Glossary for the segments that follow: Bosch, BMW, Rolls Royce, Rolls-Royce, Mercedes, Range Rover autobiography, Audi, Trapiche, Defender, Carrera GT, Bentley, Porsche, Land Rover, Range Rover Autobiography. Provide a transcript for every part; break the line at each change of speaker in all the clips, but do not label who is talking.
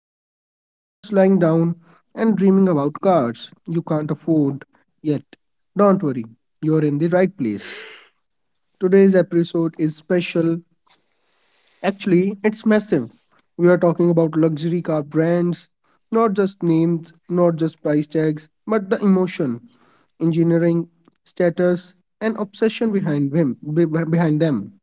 walking, or just lying down and dreaming about cars you can't afford yet, don't worry, you're in the right place. Today's episode is special. Actually, it's massive. We are talking about luxury car brands, not just names, not just price tags, but the emotion, engineering, status, and obsession behind them. Behind them.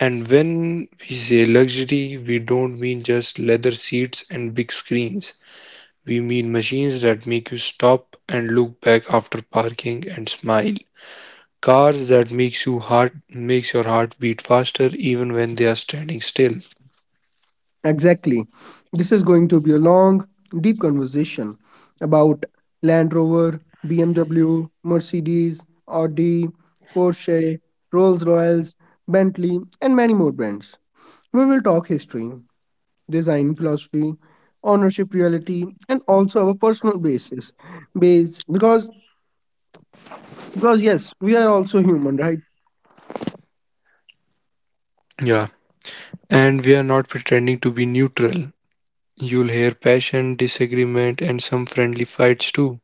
And when we say luxury, we don't mean just leather seats and big screens. We mean machines that make you stop and look back after parking and smile. Cars that makes you heart makes your heart beat faster even when they are standing still.
Exactly. This is going to be a long, deep conversation about Land Rover, BMW, Mercedes, Audi, Porsche, Rolls Royals, Bentley, and many more brands. We will talk history, design philosophy, ownership reality, and also our personal basis. Base because yes, we are also human, right?
Yeah. And we are not pretending to be neutral. You'll hear passion, disagreement, and some friendly fights too.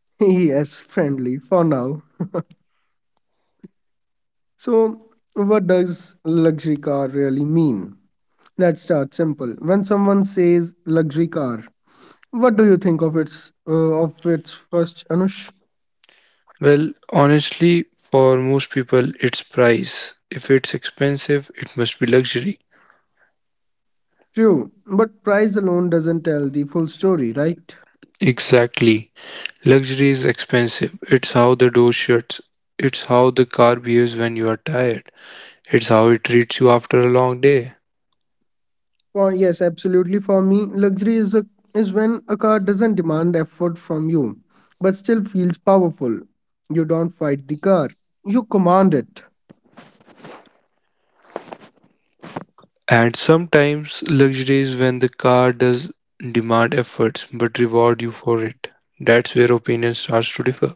Yes, friendly for now. So what does luxury car really mean? Let's start simple. When someone says luxury car, what do you think of its first, Anush?
Well, honestly, for most people, it's price. If it's expensive, it must be luxury.
True, but price alone doesn't tell the full story, right?
Exactly. Luxury is expensive. It's how the door shuts. It's how the car behaves when you are tired. It's how it treats you after a long day.
Well, yes, absolutely. For me, luxury is when a car doesn't demand effort from you, but still feels powerful. You don't fight the car; you command it.
And sometimes luxury is when the car does demand efforts but reward you for it. That's where opinion starts to differ.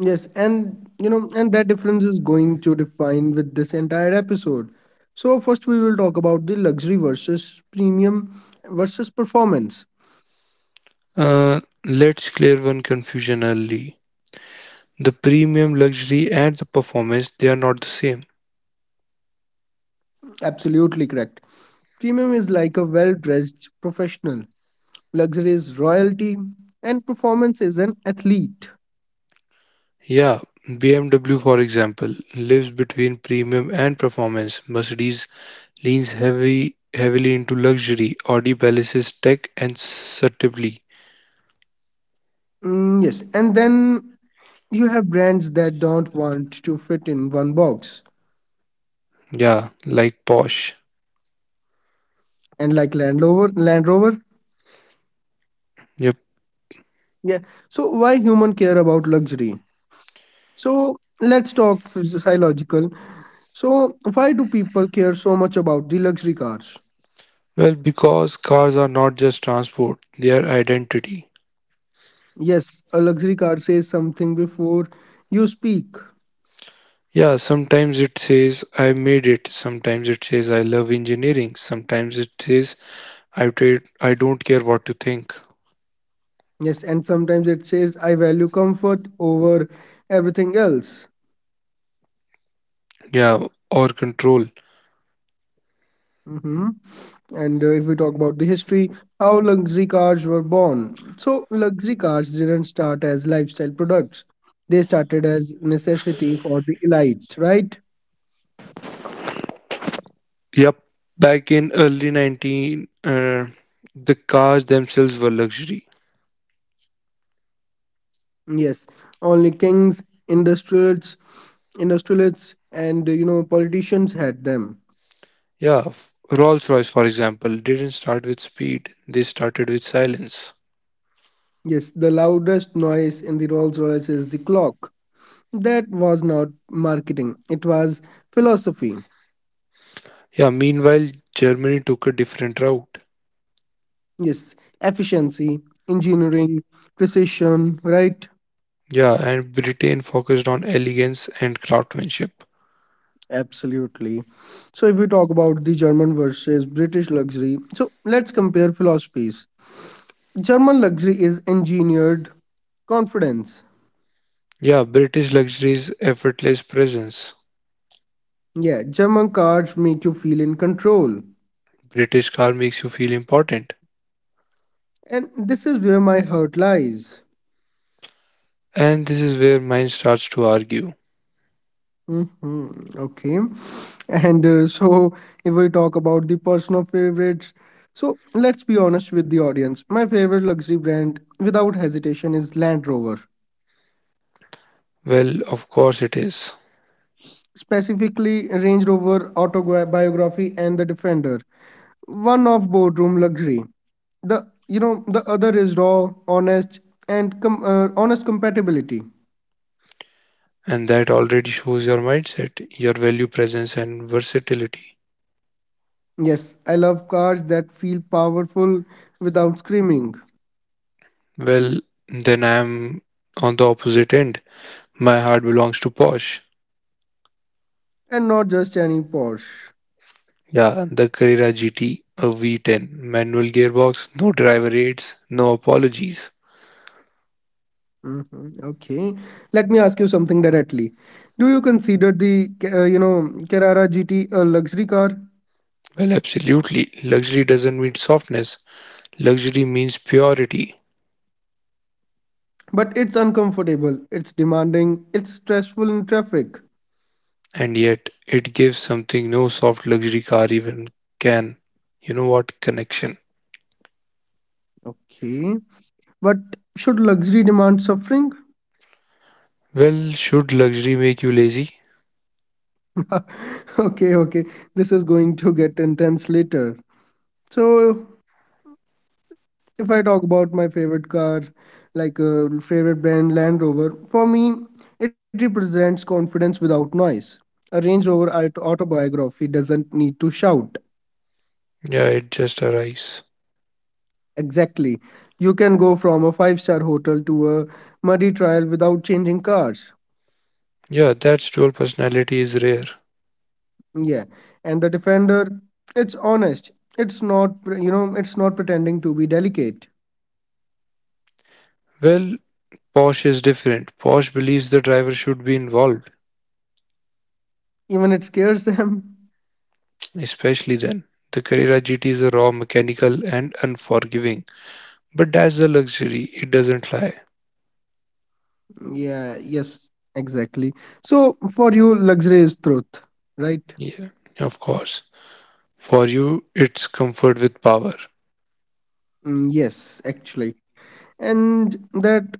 Yes, and that difference is going to define with this entire episode. So first, we will talk about the luxury versus premium versus performance.
Let's clear one confusion early. The premium luxury and the performance, they are not the same.
Absolutely correct. Premium is like a well-dressed professional. Luxury is royalty, and performance is an athlete.
Yeah, BMW, for example, lives between premium and performance. Mercedes leans heavy, heavily into luxury. Audi balances tech and subtlety.
Mm, yes, and then you have brands that don't want to fit in one box,
Yeah, like Porsche.
and like Land Rover, Land Rover.
Yep.
Yeah. So why human care about luxury? So let's talk psychological. So why do people care so much about the luxury cars?
Well, because cars are not just transport, they are identity.
Yes, a luxury car says something before you speak.
Yeah, sometimes it says I made it, sometimes it says I love engineering, sometimes it says I don't care what you think.
Yes, and sometimes it says I value comfort over everything else.
Yeah, or control.
Hmm. And if we talk about the history, how luxury cars were born. So, luxury cars didn't start as lifestyle products, they started as necessity for the elite, right?
Yep, back in early 19, the cars themselves were luxury.
Yes, only kings, industrialists, industrialists, and politicians had them.
Yeah, Rolls-Royce, for example, didn't start with speed, they started with silence.
Yes, the loudest noise in the Rolls Royce is the clock. That was not marketing, it was philosophy.
Yeah, meanwhile, Germany took a different route.
Yes, efficiency, engineering, precision, right?
Yeah, and Britain focused on elegance and craftsmanship.
Absolutely. So, if we talk about the German versus British luxury, so let's compare philosophies. German luxury is engineered confidence.
Yeah, British luxury is effortless presence.
Yeah, German cars make you feel in control.
British car makes you feel important.
And this is where my hurt lies.
And this is where mine starts to argue.
Hmm. Okay. And so, if we talk about the personal favorites, so let's be honest with the audience. My favorite luxury brand, without hesitation, is Land Rover.
Well, of course it is.
Specifically, Range Rover Autobiography and the Defender. One of boardroom luxury. The you know the other is raw, honest, and honest compatibility.
And that already shows your mindset, your value, presence, and versatility.
Yes, I love cars that feel powerful without screaming,
Well, then I'm on the opposite end. My heart belongs to Porsche.
and not just any Porsche.
Yeah, the Carrera GT, a V10, manual gearbox, no driver aids, no apologies.
Mhm. Okay, let me ask you something directly. Do you consider the uh, you know Carrera GT a luxury car?
Well, absolutely. Luxury doesn't mean softness. Luxury means purity.
But it's uncomfortable, it's demanding, it's stressful in traffic.
And yet, it gives something no soft luxury car even can. You know what? Connection.
Okay, but should luxury demand suffering?
Well, should luxury make you lazy?
Okay, okay, this is going to get intense later. So, if I talk about my favorite car, like favorite brand Land Rover, for me, it represents confidence without noise. A Range Rover autobiography doesn't need to shout.
Yeah, it just arrives.
Exactly. You can go from a five-star hotel to a muddy trial without changing cars.
Yeah, that's dual personality is rare.
Yeah, and the defender, it's honest. It's not pretending to be delicate.
Well, Porsche is different. Porsche believes the driver should be involved,
Even it scares them.
especially then. The Carrera GT is a raw, mechanical, and unforgiving. But that's the luxury, it doesn't lie.
Yeah, yes, exactly. So for you, luxury is truth, right?
Yeah, of course. For you, it's comfort with power.
Mm, yes, actually. And that,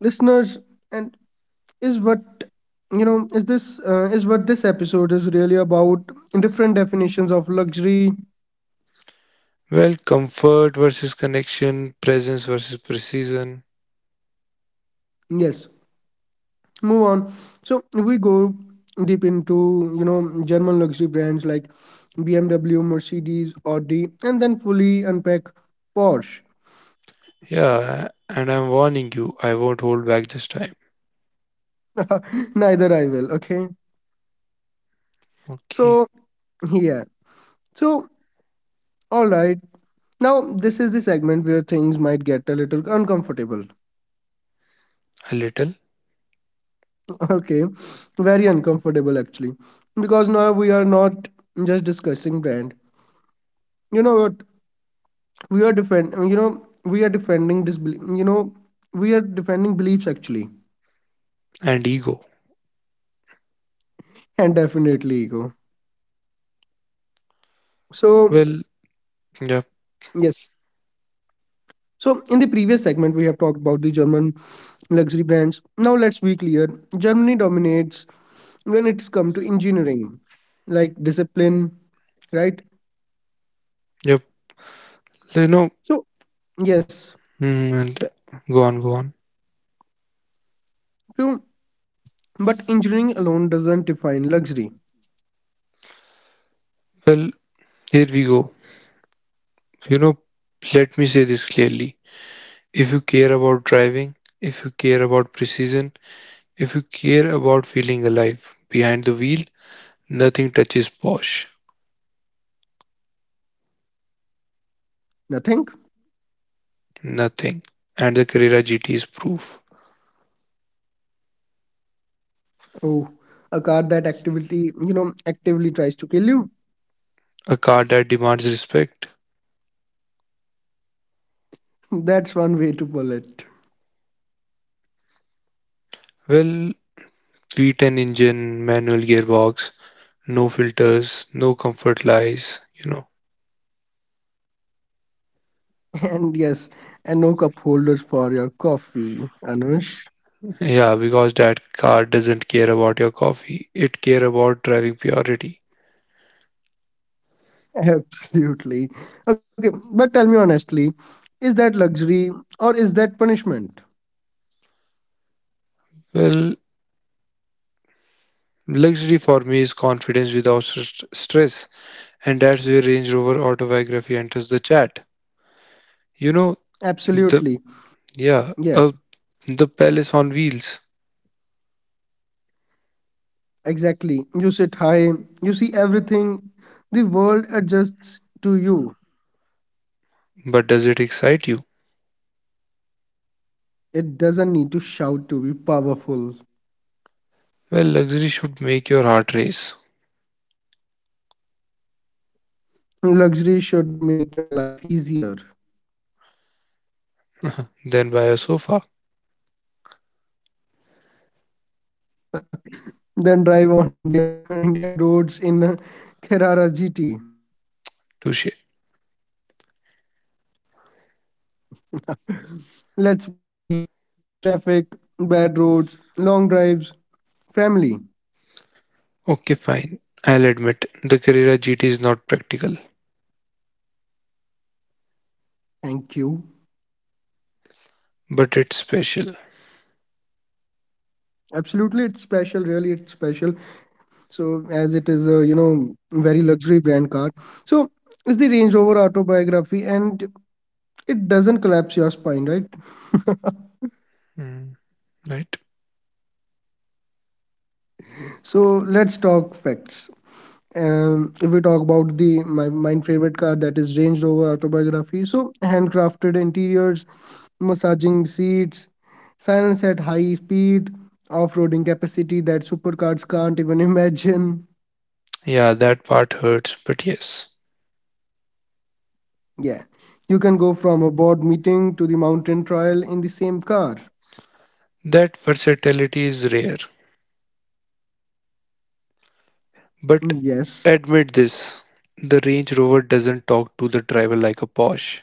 listeners, and is what, is what this episode is really about. Different definitions of luxury.
Well, comfort versus connection, presence versus precision.
Yes, move on, so we go deep into German luxury brands like BMW, Mercedes, Audi, and then fully unpack Porsche.
Yeah, and I'm warning you, I won't hold back this time.
Neither I will. Okay,
Okay,
so yeah, so all right, now this is the segment where things might get a little uncomfortable.
a little.
Okay, very uncomfortable actually, because now we are not just discussing brand, you know what, we are defending this belie- you know we are defending beliefs actually.
And ego.
And definitely ego. So
Well, yep,
yes, so in the previous segment we have talked about the German luxury brands. Now let's be clear, Germany dominates when it's come to engineering, like discipline, right?
yep. You know,
So yes,
Hmm. and go on, go on.
true, but engineering alone doesn't define luxury.
Well, here we go. You know, Let me say this clearly. If you care about driving, if you care about precision, if you care about feeling alive behind the wheel, nothing touches Bosch.
Nothing.
Nothing. And the Carrera GT is proof.
Oh, a car that activity you know actively tries to kill you.
A car that demands respect.
That's one way to pull it.
Well, V10 engine, manual gearbox, no filters, no comfort lies.
And, yes, and no cup holders for your coffee, Anush.
Yeah, because that car doesn't care about your coffee. It care about driving purity.
Absolutely. Okay, but tell me honestly, is that luxury or is that punishment?
Well, luxury for me is confidence without stress, and that's where Range Rover autobiography enters the chat. You know the
Absolutely.
yeah, uh,
Yeah,
the palace on wheels.
exactly. You sit high, you see everything. The world adjusts to you.
But does it excite you?
It doesn't need to shout to be powerful.
Well, luxury should make your heart race.
Luxury should make your life easier.
Then buy a sofa.
Then drive on Indian Indian roads in a Carrara GT.
Touche.
Let's be real. Traffic, bad roads, long drives, family.
Okay, fine. I'll admit the Carrera GT is not practical,
Thank you.
but it's special.
Absolutely, it's special. Really, it's special. So, as it is a very luxury brand car, so it's the Range Rover autobiography, and it doesn't collapse your spine, right?
Mm, right?
So let's talk facts. If we talk about my favorite car, that is Range Rover autobiography. So handcrafted interiors, massaging seats, silence at high speed, off-roading capacity that supercars can't even imagine.
Yeah, that part hurts, but yes,
Yeah, you can go from a board meeting to the mountain trial in the same car.
that versatility is rare. But
Mm, yes.
admit this, the Range Rover doesn't talk to the driver like a Porsche.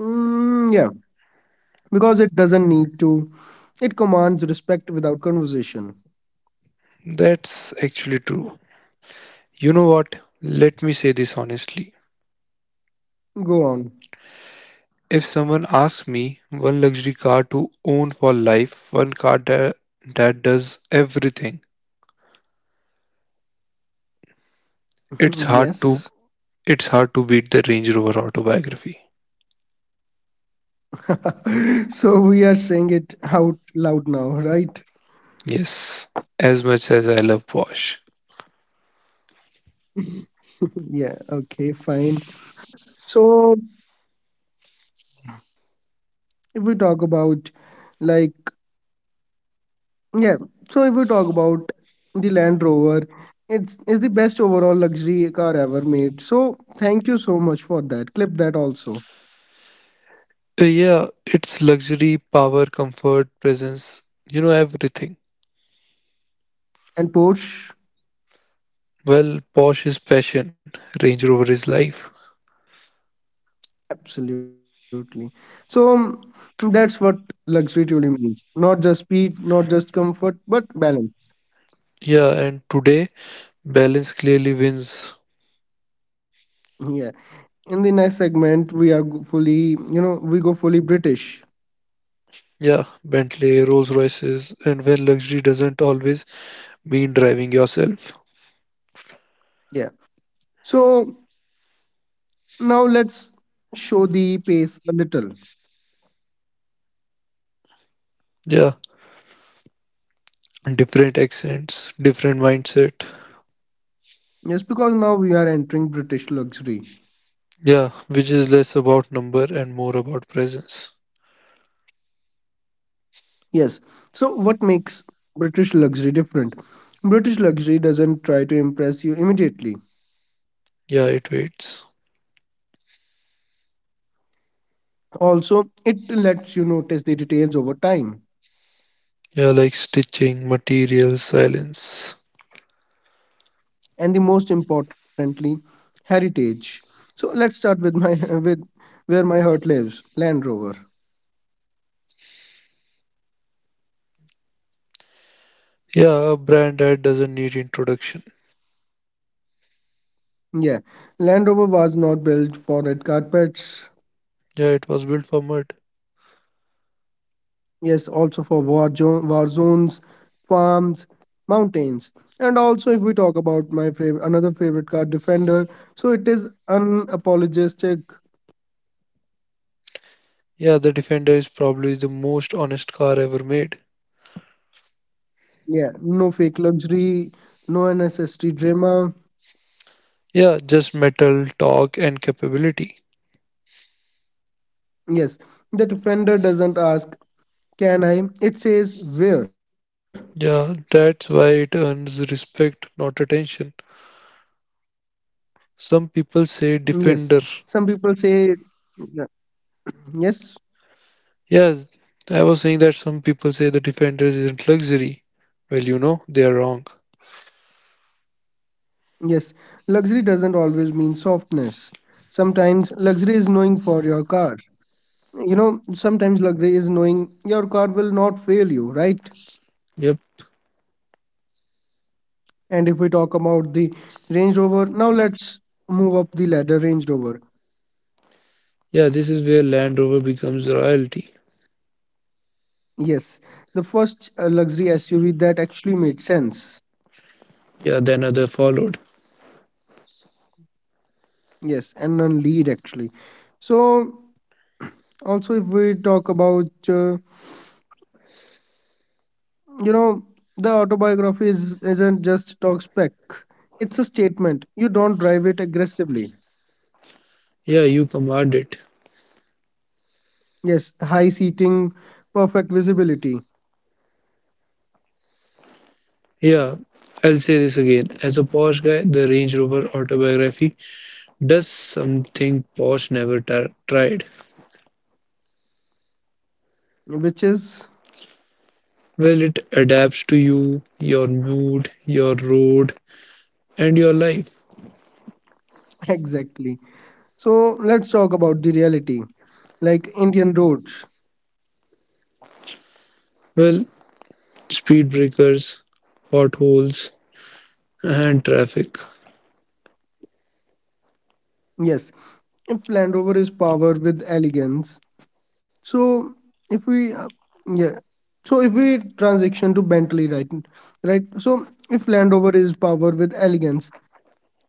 Mm, yeah, because it doesn't need to, it commands respect without conversation.
That's actually true. You know what? Let me say this honestly.
Go on.
If someone asks me one luxury car to own for life, one car that does everything,
Yes.
it's hard to it's hard to beat the Range Rover autobiography.
So we are saying it out loud now, right?
Yes, as much as I love Porsche.
Yeah, okay, fine. So if we talk about, like, yeah, so if we talk about the Land Rover, it's the best overall luxury car ever made. So thank you so much for that. Clip that also.
Yeah, it's luxury, power, comfort, presence, you know, everything.
And Porsche,
Well, Porsche is passion, Range Rover is life.
absolutely. So that's what luxury truly means. Not just speed, not just comfort, but balance.
Yeah, and today, balance clearly wins.
Yeah. In the next segment, we go fully British.
Yeah, Bentley, Rolls Royces, and when luxury doesn't always mean driving yourself.
Yeah, so now let's show the pace a little.
Yeah, different accents, different mindset.
Yes, because now we are entering British luxury.
Yeah, which is less about number and more about presence.
Yes, so what makes British luxury different? British luxury doesn't try to impress you immediately.
Yeah, it waits.
Also, it lets you notice the details over time.
Yeah, like stitching, materials, silence.
And the most importantly, heritage. So let's start with my with where my heart lives, Land Rover.
Yeah, a brand that doesn't need introduction.
Yeah, Land Rover was not built for red carpets.
Yeah, it was built for mud.
Yes, also for war zones, farms, mountains. And also, if we talk about my favorite, another favorite car, Defender, so it is unapologetic.
Yeah, the Defender is probably the most honest car ever made.
Yeah, no fake luxury, no unnecessary drama.
Yeah, just metal, torque, and capability.
Yes, the Defender doesn't ask, "Can I?" It says, "Where?"
Yeah, that's why it earns respect, not attention. Some
Yes,
people say
some people
Defender.
say, "Yeah." "Yes."
Yes, I was saying that some people say the Defender isn't luxury. Well, you know, they are wrong.
Yes, luxury doesn't always mean softness. Sometimes luxury is knowing for your car. You know, sometimes luxury is knowing your car will not fail you, right?
Yep.
And if we talk about the Range Rover, now let's move up the ladder, Range Rover.
Yeah, this is where Land Rover becomes royalty.
Yes, the first luxury SUV that actually made sense.
Yeah, then other followed.
Yes, and non lead actually. So, also if we talk about You know, the autobiography isn't just talk spec. It's a statement. You don't drive it aggressively.
Yeah, you command it.
Yes, high seating, perfect visibility,
Yeah, I'll say this again. As a posh guy, the Range Rover autobiography does something posh never tried.
which is
Well, it adapts to you, your mood, your road, and your life.
exactly. So let's talk about the reality. Like Indian roads.
Well, speed breakers, potholes, and traffic.
Yes, if Land Rover is powered with elegance, so if we, yeah, so if we transition to Bentley, right, right. So if Land Rover is powered with elegance,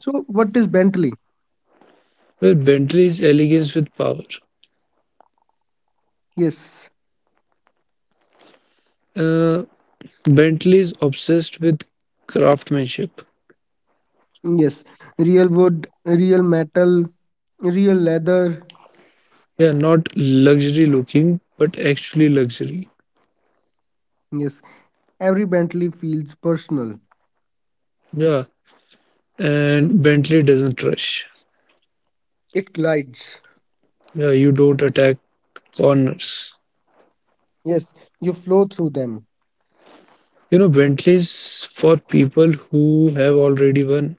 so what is Bentley?
Well, Bentley's elegance with power.
Yes.
Uh, Bentley's obsessed with craftsmanship.
Yes, real wood, real metal, real leather.
Yeah, not luxury looking, but actually luxury.
Yes, every Bentley feels personal.
Yeah, and Bentley doesn't rush.
It glides.
Yeah, you don't attack corners.
Yes, you flow through them.
You know, Bentley's for people who have already won.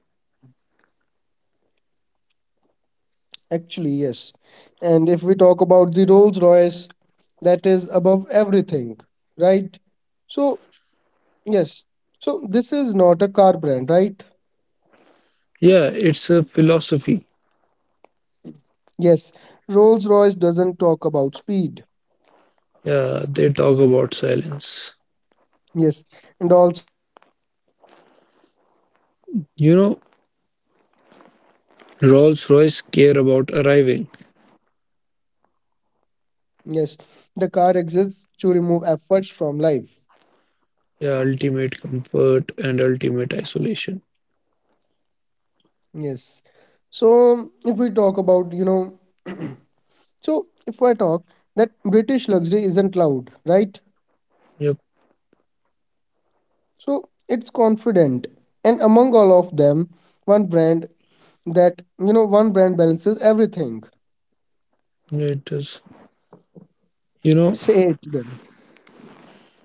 Actually, yes. And if we talk about the Rolls Royce, that is above everything, right? So, yes. So, this is not a car brand, right?
Yeah, it's a philosophy.
Yes, Rolls Royce doesn't talk about speed.
Yeah, they talk about silence.
Yes, and also Rolls Royce buyers don't care about driving, right?
You know, Rolls Royce care about arriving.
Yes, the car exists to remove efforts from life.
Yeah, ultimate comfort and ultimate isolation.
Yes. So if we talk about, so if I talk that British luxury isn't loud, right?
Yep,
So it's confident. And among all of them, one brand that, you know, one brand balances everything.
it does. You know,
Say it then.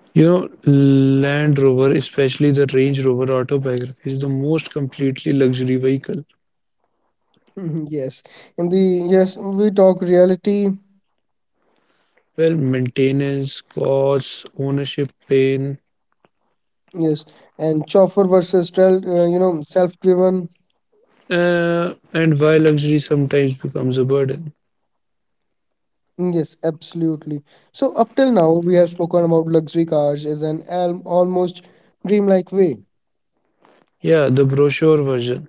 Land Rover, especially the Range Rover autobiography, is the most completely luxury vehicle.
Yes. In the, yes, we talk reality.
Well, maintenance, costs, ownership pain.
Yes. And chauffeur versus, self-driven.
And why luxury sometimes becomes a burden.
Yes, absolutely. So up till now, we have spoken about luxury cars as an almost dreamlike way.
Yeah, the brochure version.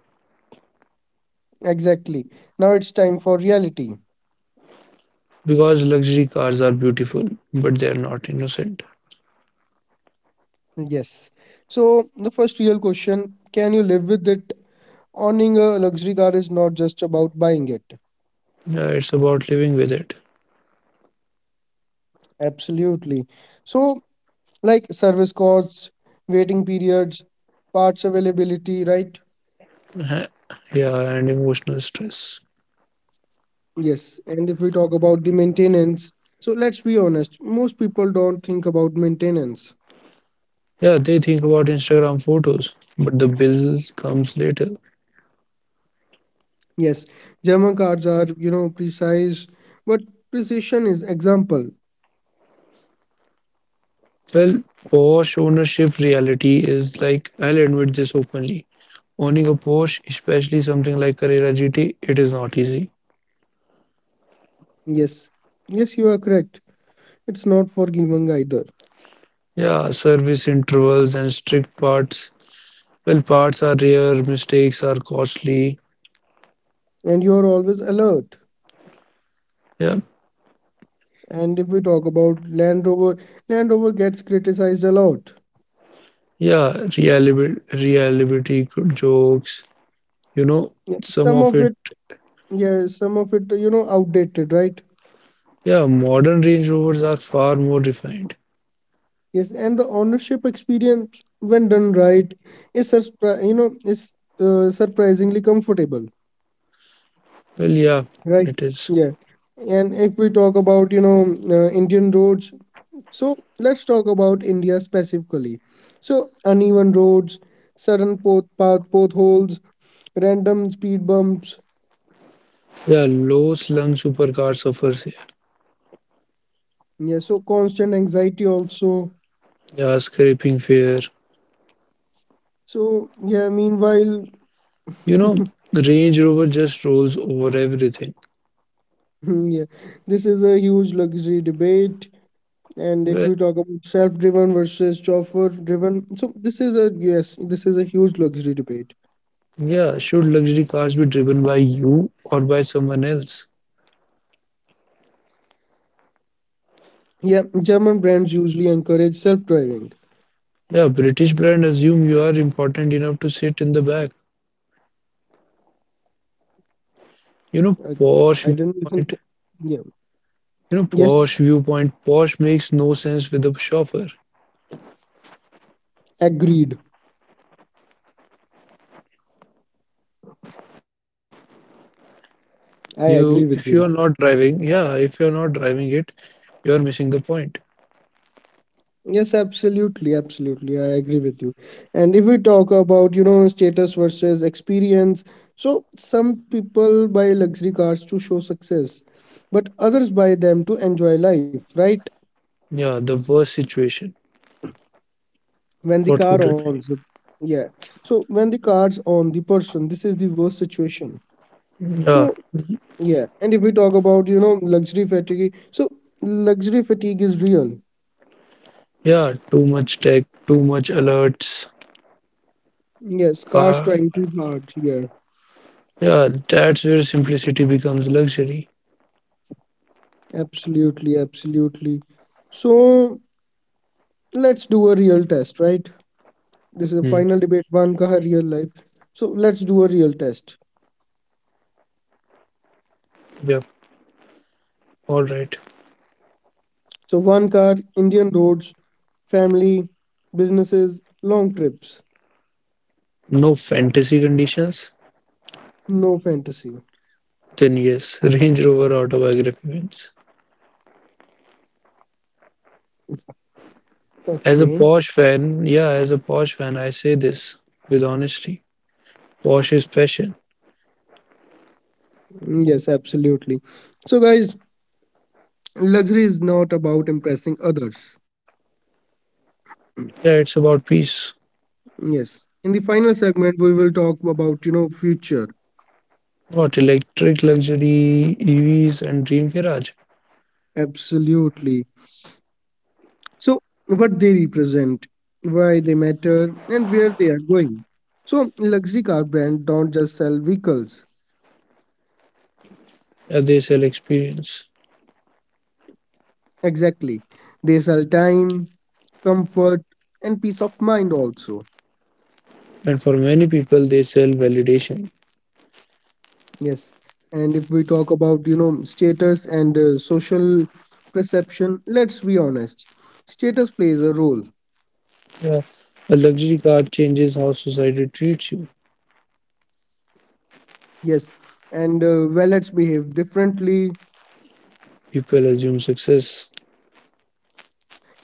Exactly. Now it's time for reality.
Because luxury cars are beautiful, but they are not innocent.
Yes. So the first real question, can you live with it? Owning a luxury car is not just about buying it.
Yeah, it's about living with it.
Absolutely. So like service costs, waiting periods, parts availability, right?
Uh-huh. Yeah, and emotional stress.
Yes. And if we talk about the maintenance, so let's be honest, most people don't think about maintenance.
Yeah, they think about Instagram photos, but the bill comes later.
Yes, German cards are, precise, but precision is example.
Well, Porsche ownership reality is like, I'll admit this openly. Owning a Porsche, especially something like Carrera GT, it is not easy.
Yes, yes, you are correct. It's not for giving either.
Yeah, service intervals and strict parts. Well, parts are rare, mistakes are costly.
And you are always alert.
Yeah,
And if we talk about Land Rover, Land Rover gets criticized a lot.
yeah, reliability good jokes. You know,
Yeah,
some
some
of
of
it.
it, yes, some of it, outdated, right?
Yeah, modern Range Rovers are far more refined.
Yes, and the ownership experience, when done right, is, surprisingly comfortable.
Well, yeah,
Right.
it is.
Yeah. And if we talk about, Indian roads, so let's talk about India specifically. So uneven roads, sudden potholes, random speed bumps.
Yeah, low slung supercar suffers here.
Yeah. So constant anxiety also.
Yeah, scraping fare.
So yeah. Meanwhile,
You know, the Range Rover just rolls over everything.
yeah, this is a huge luxury debate. And if we
Well,
talk about self-driven versus chauffeur-driven, so this is a huge luxury debate.
yeah, should luxury cars be driven by you or by someone else?
Yeah, German brands usually encourage self-driving.
Yeah, British brand assume you are important enough to sit in the back.
I,
You know,
I didn't even.
posh
Ca-
viewpoint,
Yeah.
you know,
Yes,
posh viewpoint, posh makes no sense with a chauffeur.
agreed. I
You, if
agree
you are
with
not
you.
driving, yeah, If you are not driving it, you are missing the point.
Yes, absolutely, absolutely. I agree with you. And if we talk about, status versus experience, so some people buy luxury cars to show success, but others buy them to enjoy life, right?
Yeah, the worst situation.
When the
What
car
could it
owns the. Yeah. So when the car's on the person, this is the worst situation.
be? Yeah,
So yeah. And if we talk about, luxury fatigue, so luxury fatigue is real.
yeah, too much tech, too much alerts.
Yes, cars
Uh,
trying too hard here.
yeah, that's where simplicity becomes luxury.
Absolutely, absolutely. So let's do a real test, right? This is a
Hmm.
final debate, one car, real life. So let's do a real test.
Yeah, all right.
So one car, Indian roads, family, businesses, long trips,
No fantasy conditions,
no fantasy.
then yes, Range Rover autobiography wins. As a
Okay.
Porsche fan, yeah, as a Porsche fan, I say this with honesty. Porsche is passion.
Yes, absolutely. So guys, luxury is not about impressing others.
Yeah, it's about peace.
Yes. In the final segment, we will talk about, future.
What electric luxury, EVs, and dream garage?
Absolutely. So, what they represent, why they matter, and where they are going. So, luxury car brands don't just sell vehicles.
Yeah, they sell experience,
Exactly. They sell time, comfort, and peace of mind also.
and for many people, they sell validation.
Yes. And if we talk about, status and social perception, let's be honest. Status plays a role.
Yeah, a luxury car changes how society treats you.
Yes. And wallets behave differently,
People assume success.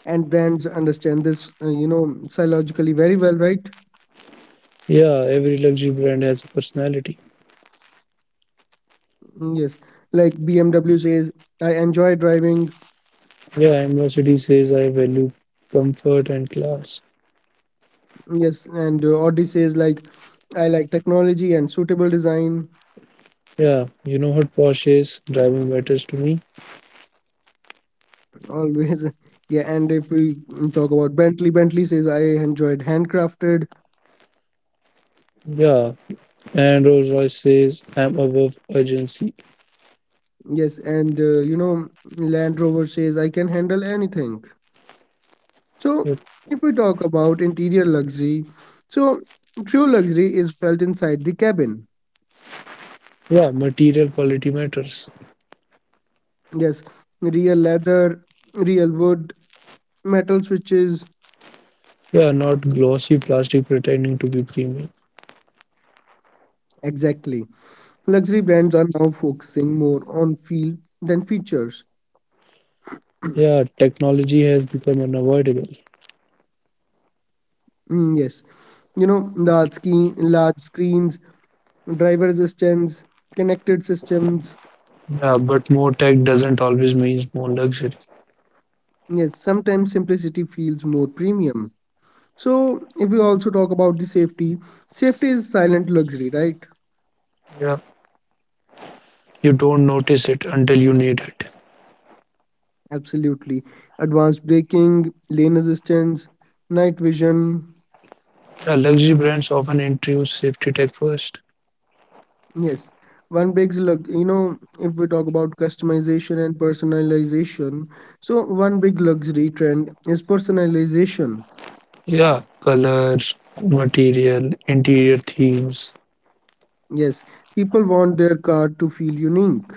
and brands understand this, psychologically very well, right?
Yeah, every luxury brand has a personality.
Yes, like BMW says, I enjoy driving.
Yeah, and Mercedes says I value comfort and class.
Yes, and Audi says, like, I like technology and suitable design
Yeah, you know what Porsche is? Driving matters to me.
always. Yeah, and if we talk about Bentley, Bentley says, I enjoyed handcrafted.
Yeah, and Rolls Royce says, I'm above urgency.
Yes, and Land Rover says, I can handle anything. So,
Yep.
if we talk about interior luxury, so true luxury is felt inside the cabin.
Yeah, material quality matters.
Yes, real leather, real wood, metal switches.
Yeah, not glossy plastic pretending to be premium.
Exactly. Luxury brands are now focusing more on feel than features.
Yeah, technology has become unavoidable.
Yes, large screens, driver assistance, connected systems.
Yeah, but more tech doesn't always means more luxury.
Yes, sometimes simplicity feels more premium. So, if we also talk about the safety, safety is silent luxury, right?
Yeah, you don't notice it until you need it.
Absolutely. Advanced braking, lane assistance, night vision.
Yeah, luxury brands often introduce safety tech first.
Yes, one big look, you know, if we talk about customization and personalization, so one big luxury trend is personalization.
Yeah, color, material, interior themes.
Yes, people want their car to feel unique.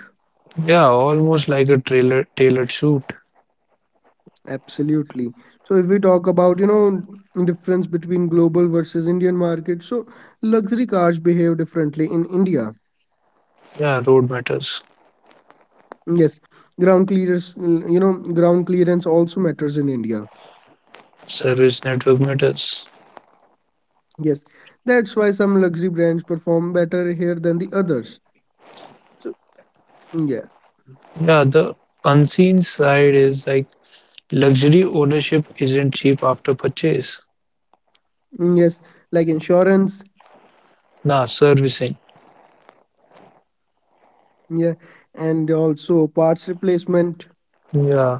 Yeah, almost like a trailer tailored suit.
Absolutely. So if we talk about, difference between global versus Indian market, so luxury cars behave differently in India.
Yeah, road matters.
Yes, ground clearance also matters in India.
Service network matters.
Yes, that's why some luxury brands perform better here than the others. So yeah.
Yeah, the unseen side is like luxury ownership isn't cheap after purchase.
Yes, like insurance,
Nah, servicing.
yeah, and also parts replacement,
Yeah.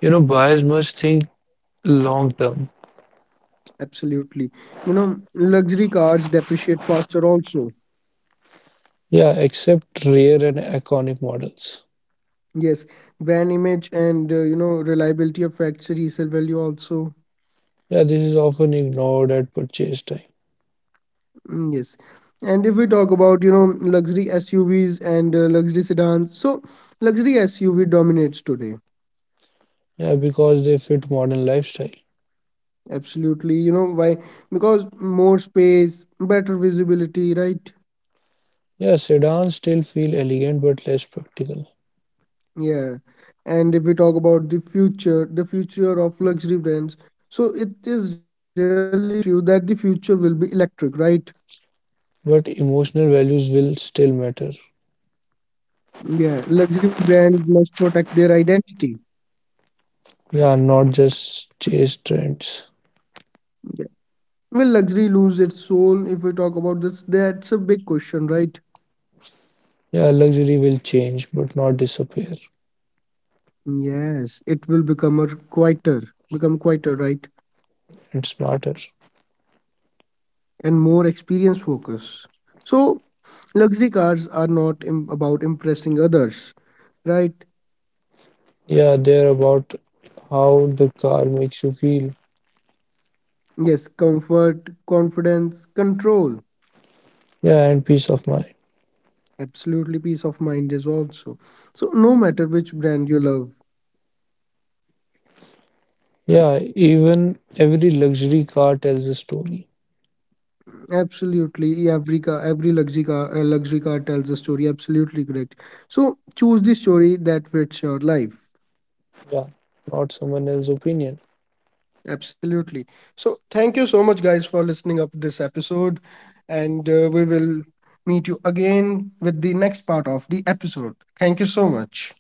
You know, buyers must think long term.
absolutely. You know, luxury cars depreciate faster also.
Yeah, except rare and iconic models.
Yes, brand image and reliability affects resale value also.
Yeah, this is often ignored at purchase time.
Yes, and if we talk about you know luxury SUVs and luxury sedans, so luxury SUV dominates today.
Yeah, because they fit modern lifestyle.
Absolutely, you know why? Because more space, better visibility, right?
Yeah, sedans still feel elegant but less practical.
Yeah, and if we talk about the future of luxury brands, so it is really true that the future will be electric, right?
But emotional values will still matter.
Yeah, luxury brands must protect their identity.
Yeah, not just chase trends.
Yeah. Will luxury lose its soul if we talk about this? That's a big question, right?
Yeah, luxury will change but not disappear.
Yes, it will become a quieter, become quieter, right?
It's smarter.
And more experience focus. So, luxury cars are not im- about impressing others, right?
Yeah, they're about how the car makes you feel.
Yes, comfort, confidence, control.
Yeah, and peace of mind.
Absolutely, peace of mind is also. So, no matter which brand you love,
Yeah, even every luxury car tells a story.
absolutely every car, every luxury car tells a story. Absolutely correct. So, choose the story that fits your life.
Yeah, not someone else's opinion.
Absolutely. So, thank you so much, guys, for listening up this episode, and we will meet you again with the next part of the episode. Thank you so much.